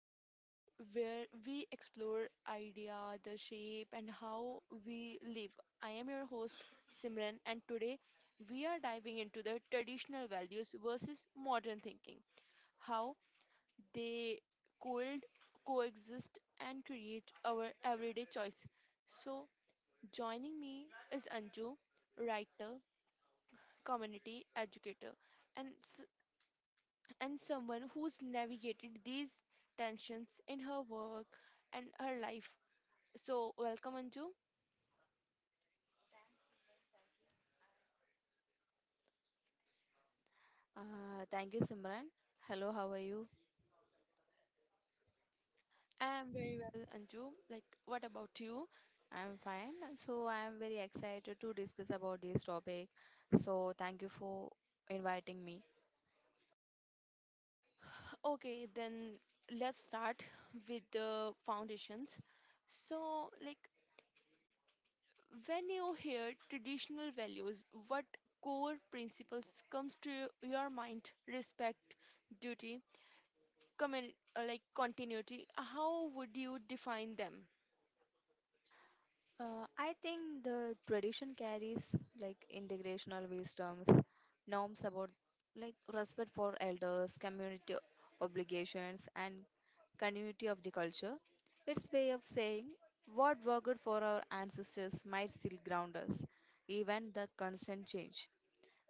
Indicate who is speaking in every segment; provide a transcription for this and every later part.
Speaker 1: podcast where we explore idea, the shape, and how we live. I am your host Simran, and today we are diving into the traditional values versus modern thinking, how they could coexist and create our everyday choice. So, joining me is Anju, writer, community educator, and and someone who's navigated these tensions in her work and her life. So, welcome, Anju.
Speaker 2: Thank you, Simran. Hello, how are you?
Speaker 1: I am very well, Anju. Like, what about you?
Speaker 2: I'm fine. So I am very excited to discuss about this topic. So thank you for inviting me.
Speaker 1: Okay, then let's start with the foundations. So, like, when you hear traditional values, what core principles comes to your mind? Respect, duty, like continuity. How would you define them?
Speaker 2: I think the tradition carries like integrational wisdoms, norms about like respect for elders, community obligations, and continuity of the culture. Its way of saying what worked for our ancestors might still ground us, even the constant change.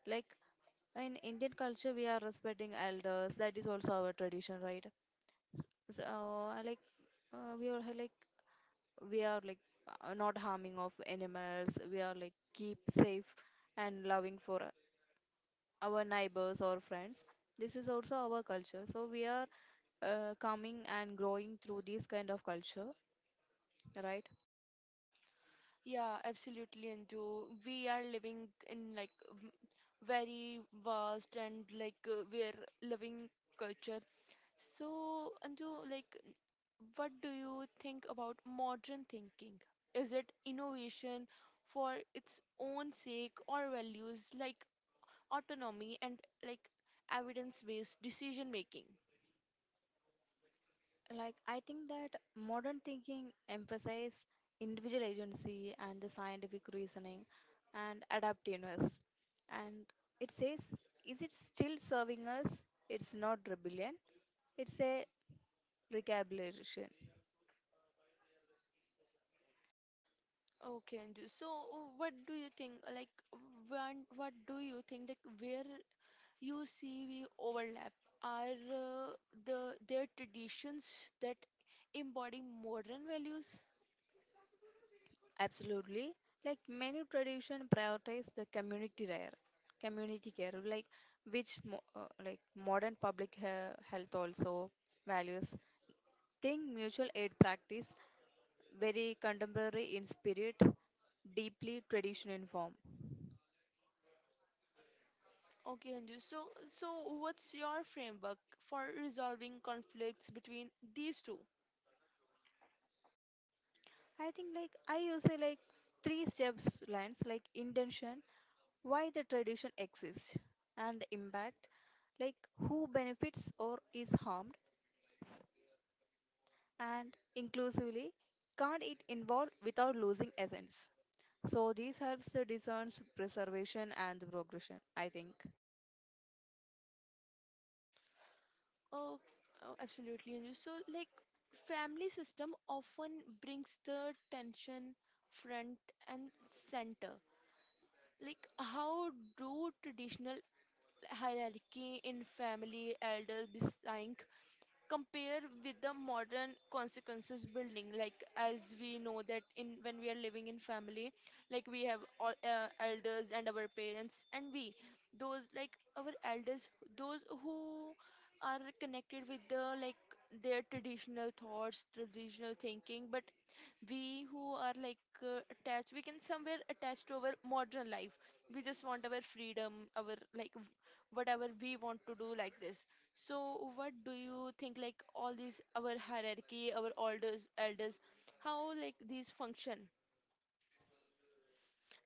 Speaker 2: Like in Indian culture, we are respecting elders. That is also our tradition, right? So, I like uh, we are ha- like we are like not harming of animals. We are like keep safe and loving for our neighbors or friends. This is also our culture. So we are coming and growing through this kind of culture, right?
Speaker 1: Yeah, absolutely, Anju. We are living in like v- very vast and like we're living culture. So, Anju, like, what do you think about modern thinking? Is it innovation for its own sake or values like autonomy and like evidence-based decision making?
Speaker 2: Like, I think that modern thinking emphasizes individual agency and the scientific reasoning and adaptiveness. And it says, is it still serving us? It's not rebellion, it's a recalibration.
Speaker 1: Okay, Anju. So, what do you think? Like, when, what do you think? Like, where you see, we overlap are the their traditions that embody modern values.
Speaker 2: Absolutely. Like, many tradition prioritize the community care, like which like modern public health also values think mutual aid practice very contemporary in spirit, deeply traditional in form.
Speaker 1: Okay, Anju. So what's your framework for resolving conflicts between these two?
Speaker 2: I think like I use a like three steps lines like intention, why the tradition exists, and the impact, like who benefits or is harmed, and inclusively, can't it involve without losing essence. So this helps the discerns preservation and the progression, I think.
Speaker 1: Oh, oh, absolutely, Anju. So, like, family system often brings the tension front and center. Like, how do traditional hierarchy in family, elder design, compare with the modern consequences building, like as we know that in when we are living in family, like we have all elders and our parents, and we those like our elders, those who are connected with the like their traditional thoughts, traditional thinking, but we who are like attached, we can somewhere attach to our modern life. We just want our freedom, our like whatever we want to do like this. So what do you think, like all these our hierarchy, our elders, elders, how like these function?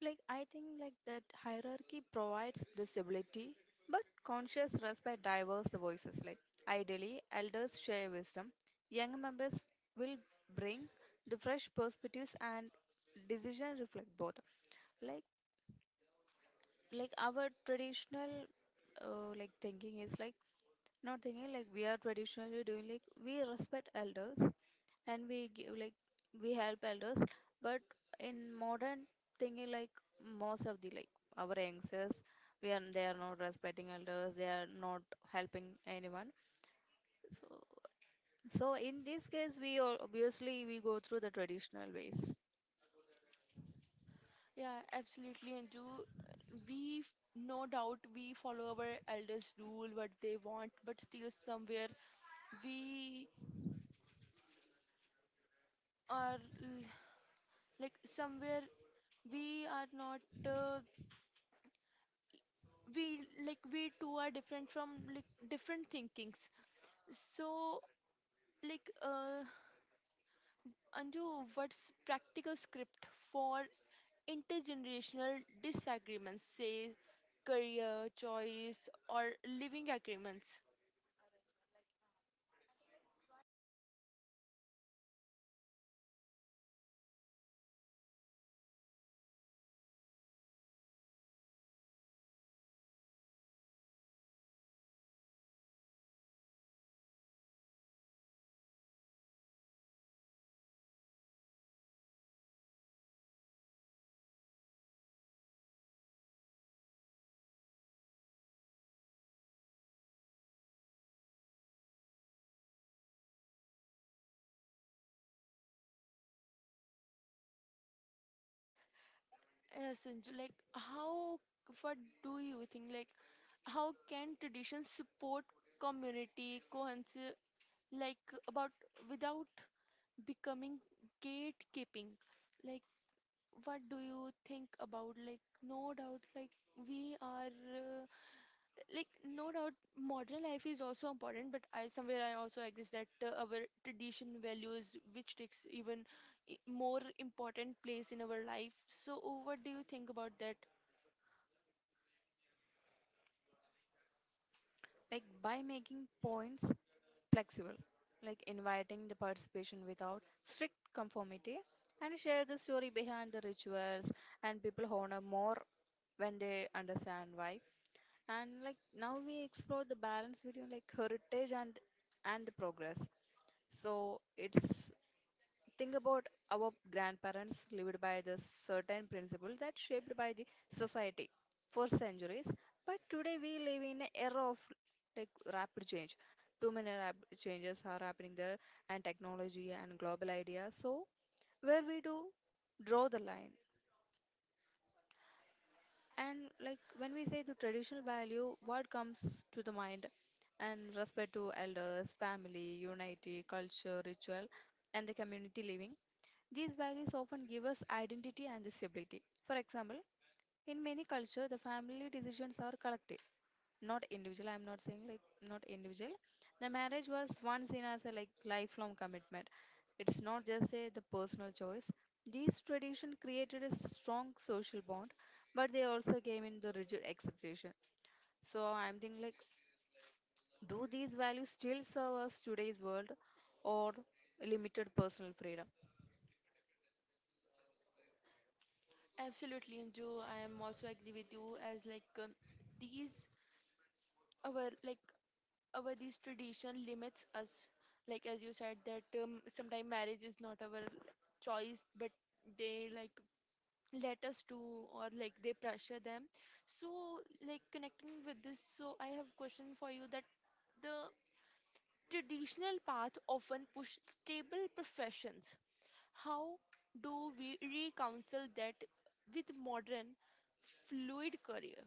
Speaker 2: Like I think like that hierarchy provides this ability, but conscious respect diverse voices. Like ideally, elders share wisdom. Younger members will bring the fresh perspectives and decision reflect both. Like like our traditional like thinking is like not thinking like we are traditionally doing like we respect elders and we give like we help elders, but in modern thinking like most of the like our youngsters, we are they are not respecting elders, they are not helping anyone, so so in this case we all obviously we go through the traditional ways.
Speaker 1: Yeah, absolutely, Anju. No doubt we follow our elders rule what they want, but still somewhere we are l- like somewhere we are not uh, we, like we two are different from, like different thinkings. So like Anju, what's practical script for intergenerational disagreements, say career choice or living agreements? Yes, Anju, like how, what do you think? Like, how can traditions support community cohesion? Like about without becoming gatekeeping. Like, what do you think about? Like, no doubt, like we are. Like, no doubt modern life is also important, but I somewhere I also agree that our tradition values which takes even more important place in our life. So what do you think about that?
Speaker 2: Like by making points flexible, like inviting the participation without strict conformity, and share the story behind the rituals, and people honor more when they understand why. And like now we explore the balance between like heritage and the progress. So it's think about our grandparents lived by the certain principle that shaped by the society for centuries, but today we live in an era of like rapid change, too many rapid changes are happening there, and technology and global ideas. So where we do draw the line? And like when we say the traditional value, what comes to the mind? And respect to elders, family, unity, culture, ritual, and the community living. These values often give us identity and the stability. For example, in many cultures, the family decisions are collective, not individual. I'm not saying like not individual. The marriage was once in as a like lifelong commitment, it's not just a the personal choice. These tradition created a strong social bond, but they also came in the rigid acceptation. So I'm thinking like, do these values still serve us today's world or limited personal freedom?
Speaker 1: Absolutely, Anju, I am also agree with you as like these our like our these tradition limits us, like as you said that sometimes marriage is not our choice, but they like let us do, or like they pressure them. So like connecting with this, so I have question for you, that the traditional path often push stable professions. How do we reconcile that with modern fluid career?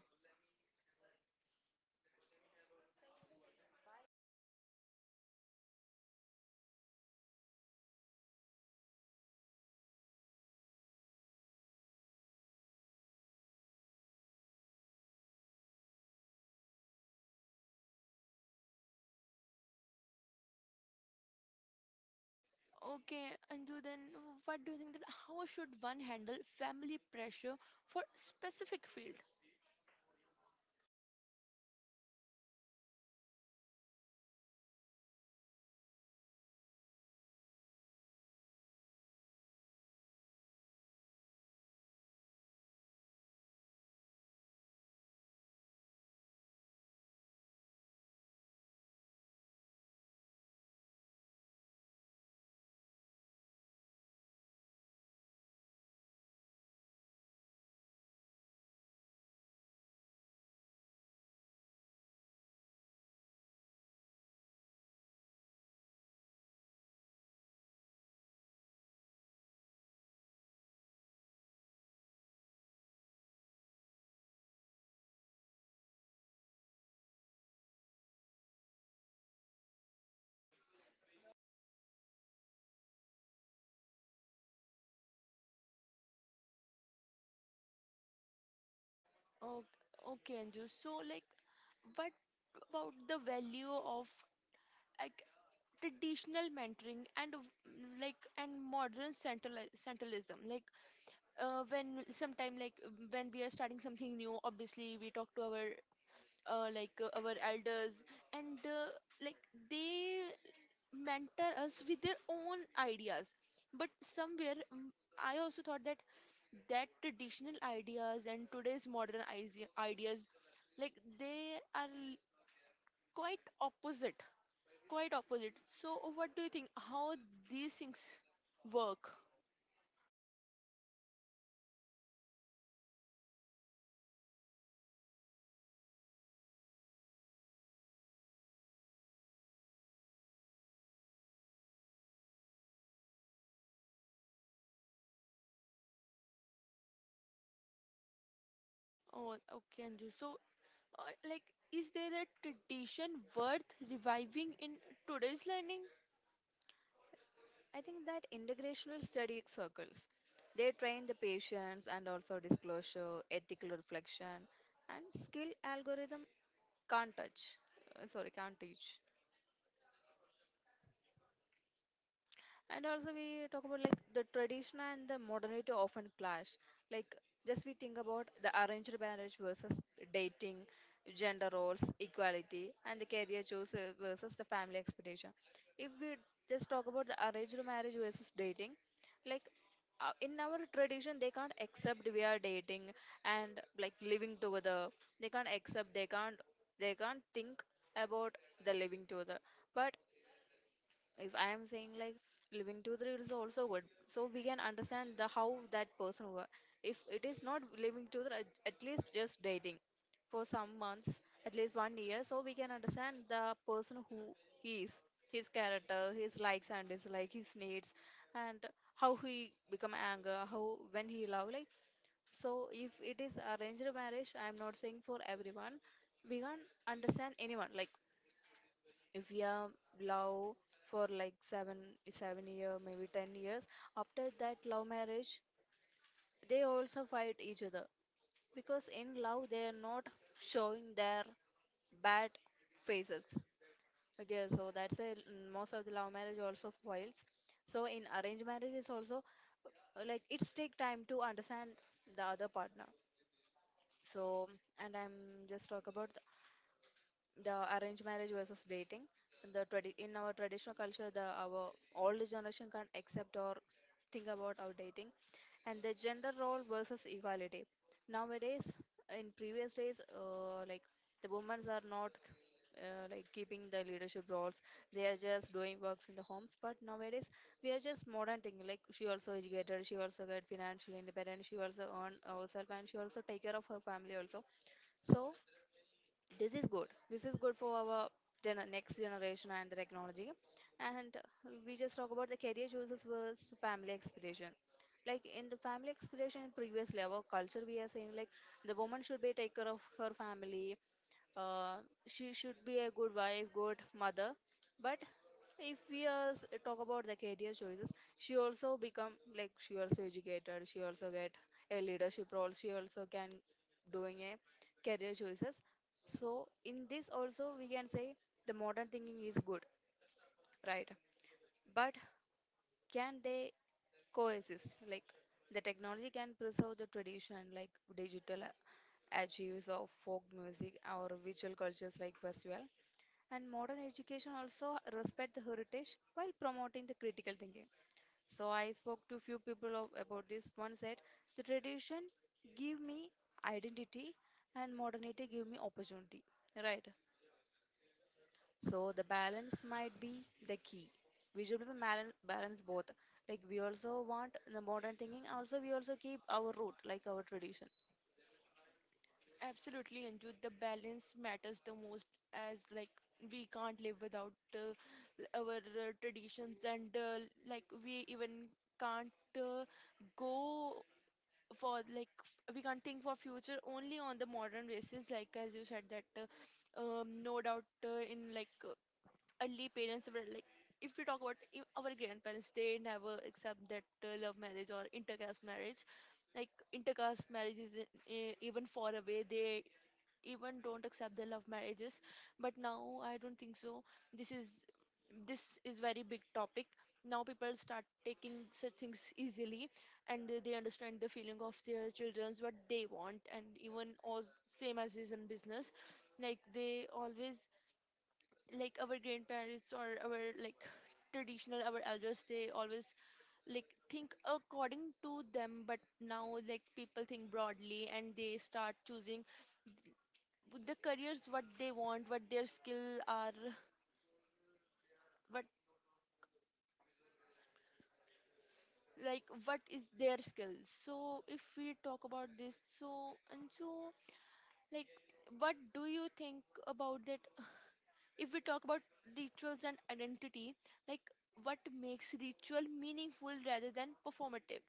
Speaker 1: Okay, Anju, then what do you think that how should one handle family pressure for specific field? Okay, okay Anju, so like what about the value of like traditional mentoring and like and modern centralism, like when sometime like when we are starting something new, obviously we talk to our our elders, and like they mentor us with their own ideas, but somewhere I also thought that that traditional ideas and today's modern ideas like they are l- quite opposite. Quite opposite. So, what do you think? How these things work? Oh, okay, Anju. So, like, is there a tradition worth reviving in today's learning?
Speaker 2: I think that integrational study circles, they train the patients and also disclosure, ethical reflection, and skill algorithm can't touch. Sorry, can't teach. And also we talk about like the tradition and the modernity often clash. Like just we think about the arranged marriage versus dating, gender roles, equality, and the career choice versus the family expectation. If we just talk about the arranged marriage versus dating, like in our tradition they can't accept we are dating and like living together. They can't accept. They can't. They can't think about the living together. But if I am saying like living to the rule is also good, so we can understand the how that person work. If it is not living to the, at least just dating for some months, at least 1 year, so we can understand the person who he is, his character, his likes and dislikes, his needs, and how he become anger, how when he love like. So if it is arranged marriage, I am not saying for everyone we can't understand anyone like if we are love for like seven year, maybe 10 years, after that love marriage they also fight each other because in love they are not showing their bad faces. Okay, so that's a most of the love marriage also fails. So in arranged marriage is also like it's take time to understand the other partner. So and I'm just talk about the arranged marriage versus dating, the in our traditional culture the our older generation can't accept or think about our dating. And the gender role versus equality nowadays, in previous days like the women are not like keeping the leadership roles, they are just doing works in the homes. But nowadays we are just modern thing like she also educated, she also got financial independent, she also earn herself, and she also take care of her family also. So this is good, this is good for our gener next generation and the technology. And we just talk about the career choices versus family expectation. Like in the family expectation in previous level culture we are saying like the woman should be take care of her family, uh, she should be a good wife good mother. But if we talk about the career choices, she also become like she also educated, she also get a leadership role, she also can doing a career choices. So in this also we can say the modern thinking is good, right? But can they coexist? Like the technology can preserve the tradition, like digital achieves of folk music or visual cultures like festival. And modern education also respect the heritage while promoting the critical thinking. So I spoke to few people of, about this. One said, the tradition give me identity and modernity give me opportunity, right? So the balance might be the key. We should be balance both. Like we also want the modern thinking. Also, we also keep our root, like our tradition.
Speaker 1: Absolutely, Anju. The balance matters the most, as like we can't live without our traditions, and like we even can't uh, go for like f- we can't think for future only on the modern basis like as you said that no doubt in like early parents were like if we talk about I- our grandparents they never accept that love marriage or intercaste marriage like intercaste marriage is even far away they even don't accept the love marriages but now I don't think so this is this is very big topic now people start taking such things easily and they understand the feeling of their children's what they want and even all same as is in business like they always like our grandparents or our like traditional our elders they always like think according to them but now like people think broadly and they start choosing with the careers what they want what their skill are what like what is their skill so if we talk about this so and so like what do you think about that if we talk about rituals and identity like what makes ritual meaningful rather than performative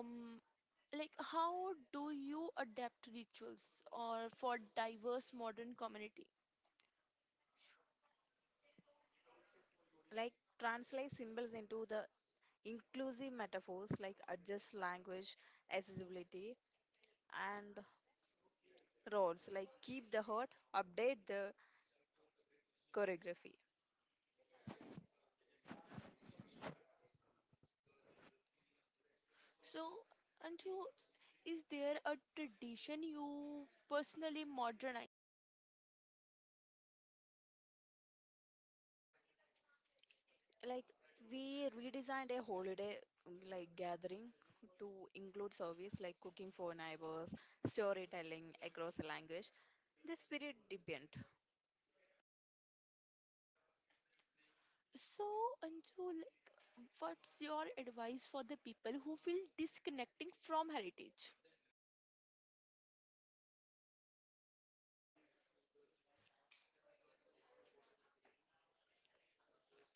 Speaker 1: um like how do you adapt rituals or for diverse modern community
Speaker 2: Like translate symbols into the inclusive metaphors, like adjust language, accessibility, and roles. Like keep the heart, update the choreography.
Speaker 1: so Anju, is there a tradition you personally modernize?
Speaker 2: Like we redesigned a holiday like gathering to include service like cooking for neighbors, storytelling across the language. The spirit deepened.
Speaker 1: So, Anjul, what's your advice for the people who feel disconnecting from heritage?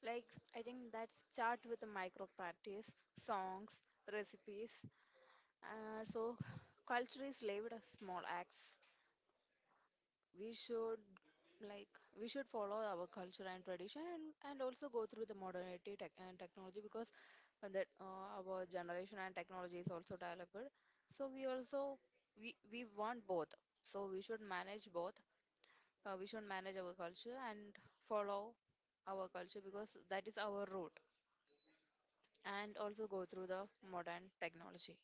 Speaker 2: Like I think that start with the micro practice, songs, recipes. So culture is lived as small acts. We should like we should follow our culture and tradition, and also go through the modernity tech and technology because that our generation and technology is also developed. So we also we want both. So we should manage both. We should manage our culture and follow our culture because that is our root, and also go through the modern technology.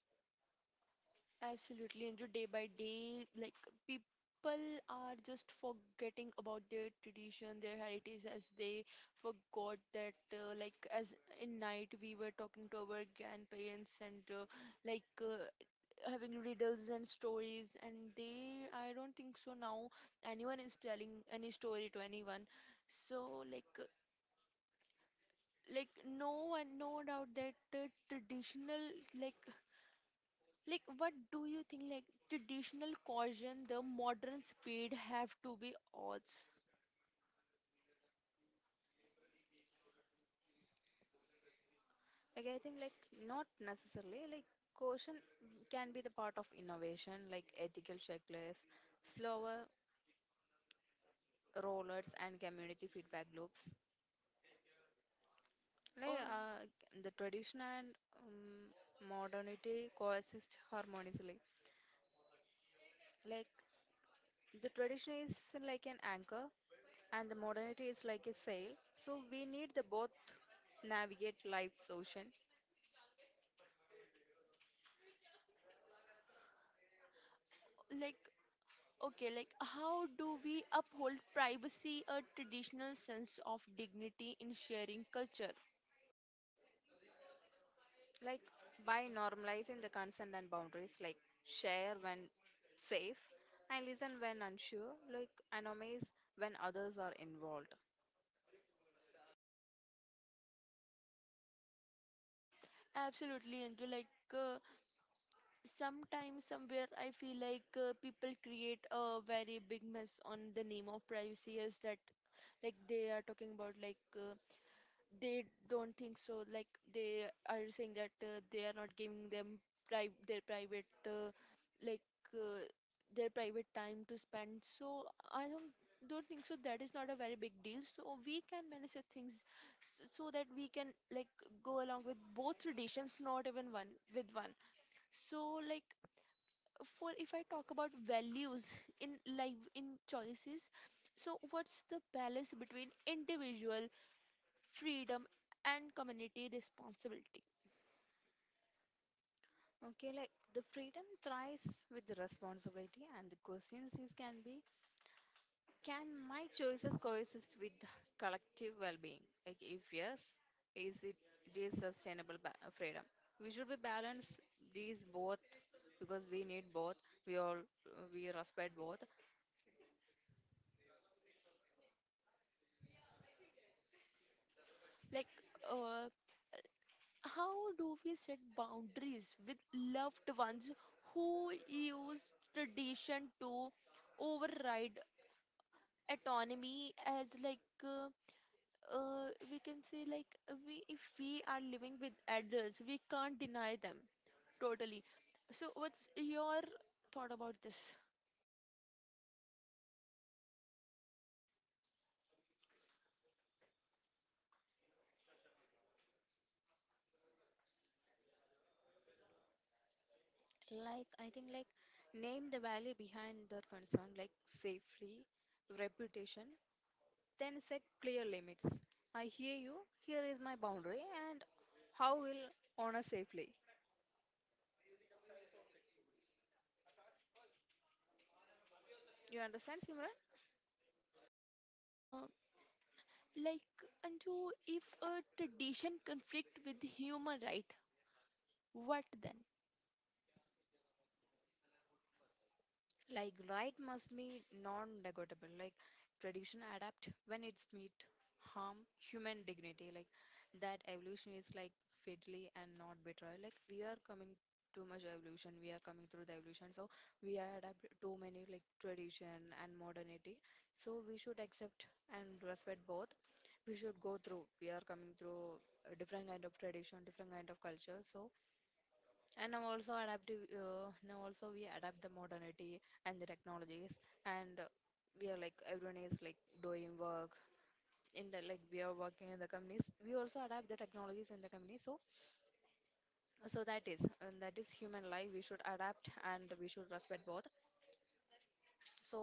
Speaker 1: Absolutely, Anjul. Day by day, like people are just forgetting about their tradition, their heritage, as they forgot that, like, as in night we were talking to our grandparents, and like uh, having riddles and stories, and they, I don't think so now anyone is telling any story to anyone. So like no one, no doubt that the traditional like like what do you think like traditional caution the modern speed have to be odds.
Speaker 2: Like I think like not necessarily like caution can be the part of innovation, like ethical checklists, slower rollers and community feedback loops. Like
Speaker 1: uh,
Speaker 2: the tradition and modernity coexist harmoniously. Like the tradition is like an anchor and the modernity is like a sail. So we need the both navigate life's ocean.
Speaker 1: like okay, like how do we uphold privacy, a traditional sense of dignity in sharing culture?
Speaker 2: Like by normalizing the consent and boundaries, like share when safe and listen when unsure, like anonymize when others are involved.
Speaker 1: Absolutely. And like uh, sometimes somewhere I feel like people create a very big mess on the name of privacy, is that like they are talking about like they don't think so, like they are saying that they are not giving them their private like uh, their private time to spend. So I don't think so, that is not a very big deal, so we can manage the things, so that we can like go along with both traditions, not even one with one. So like for if I talk about values in life in choices, so what's the balance between individual freedom and community responsibility?
Speaker 2: Okay, like the freedom thrives with the responsibility and the questions is can be, can my choices coexist with collective well-being? Like if yes, is it it is sustainable. Freedom will be balance these both because we need both. We all, we respect both.
Speaker 1: Like, uh, how do we set boundaries with loved ones who use tradition to override autonomy, as like we can say like we if we are living with adults, we can't deny them totally. So what's your thought about this?
Speaker 2: Like, I think, like, name the value behind their concern, like safely, reputation, then set clear limits. I hear you, here is my boundary, and how will honor safely. You understand, Simran?
Speaker 1: uh, like Anju, if a tradition conflict with human right, what then?
Speaker 2: Like right must be non-negotiable. Like tradition adapt when it's meet harm human dignity. Like that evolution is like fatally and not betrayal. Like we are coming too much evolution. We are coming through the evolution. So we are adapt too many like tradition and modernity. So we should accept and respect both. We should go through. We are coming through a different kind of tradition, different kind of culture. So and now also adaptive now also we adapt the modernity and the technologies, and we are like everyone is like doing work in the like we are working in the companies, we also adapt the technologies in the company. So so that is and that is human life, we should adapt and we should respect both. So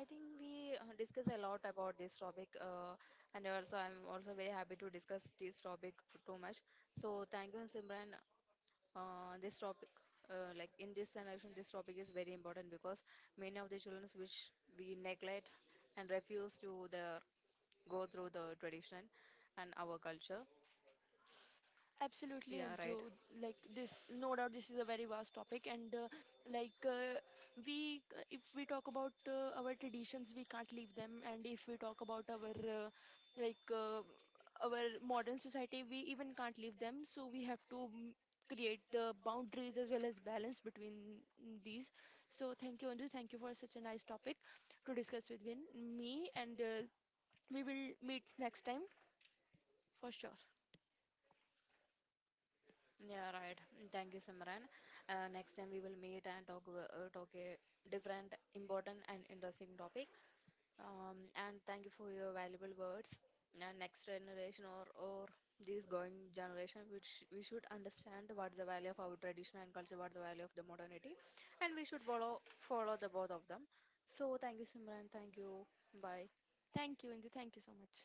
Speaker 2: I think we discuss a lot about this topic, and also I'm also very happy to discuss this topic too much. So thank you, Simran. This topic, like in this generation this topic is very important because many of the children which we neglect and refuse to the go through the tradition and our culture.
Speaker 1: Absolutely,
Speaker 2: Yeah,
Speaker 1: Anju.
Speaker 2: right.
Speaker 1: Like this, no doubt, this is a very vast topic, and like uh, we, if we talk about our traditions, we can't leave them, and if we talk about our uh, like uh, our modern society, we even can't leave them. So we have to create the boundaries as well as balance between these. So thank you, Anju. Thank you for such a nice topic to discuss with me, and we will meet next time for sure.
Speaker 2: Yeah, right. Thank you, Simran. Next time we will meet and talk, talk a different important and interesting topic. And thank you for your valuable words. And next generation or this going generation, which we should understand what the value of our tradition and culture, what the value of the modernity, and we should follow the both of them. So thank you, Simran. Thank you. Bye.
Speaker 1: Thank you, Anju. Thank you so much.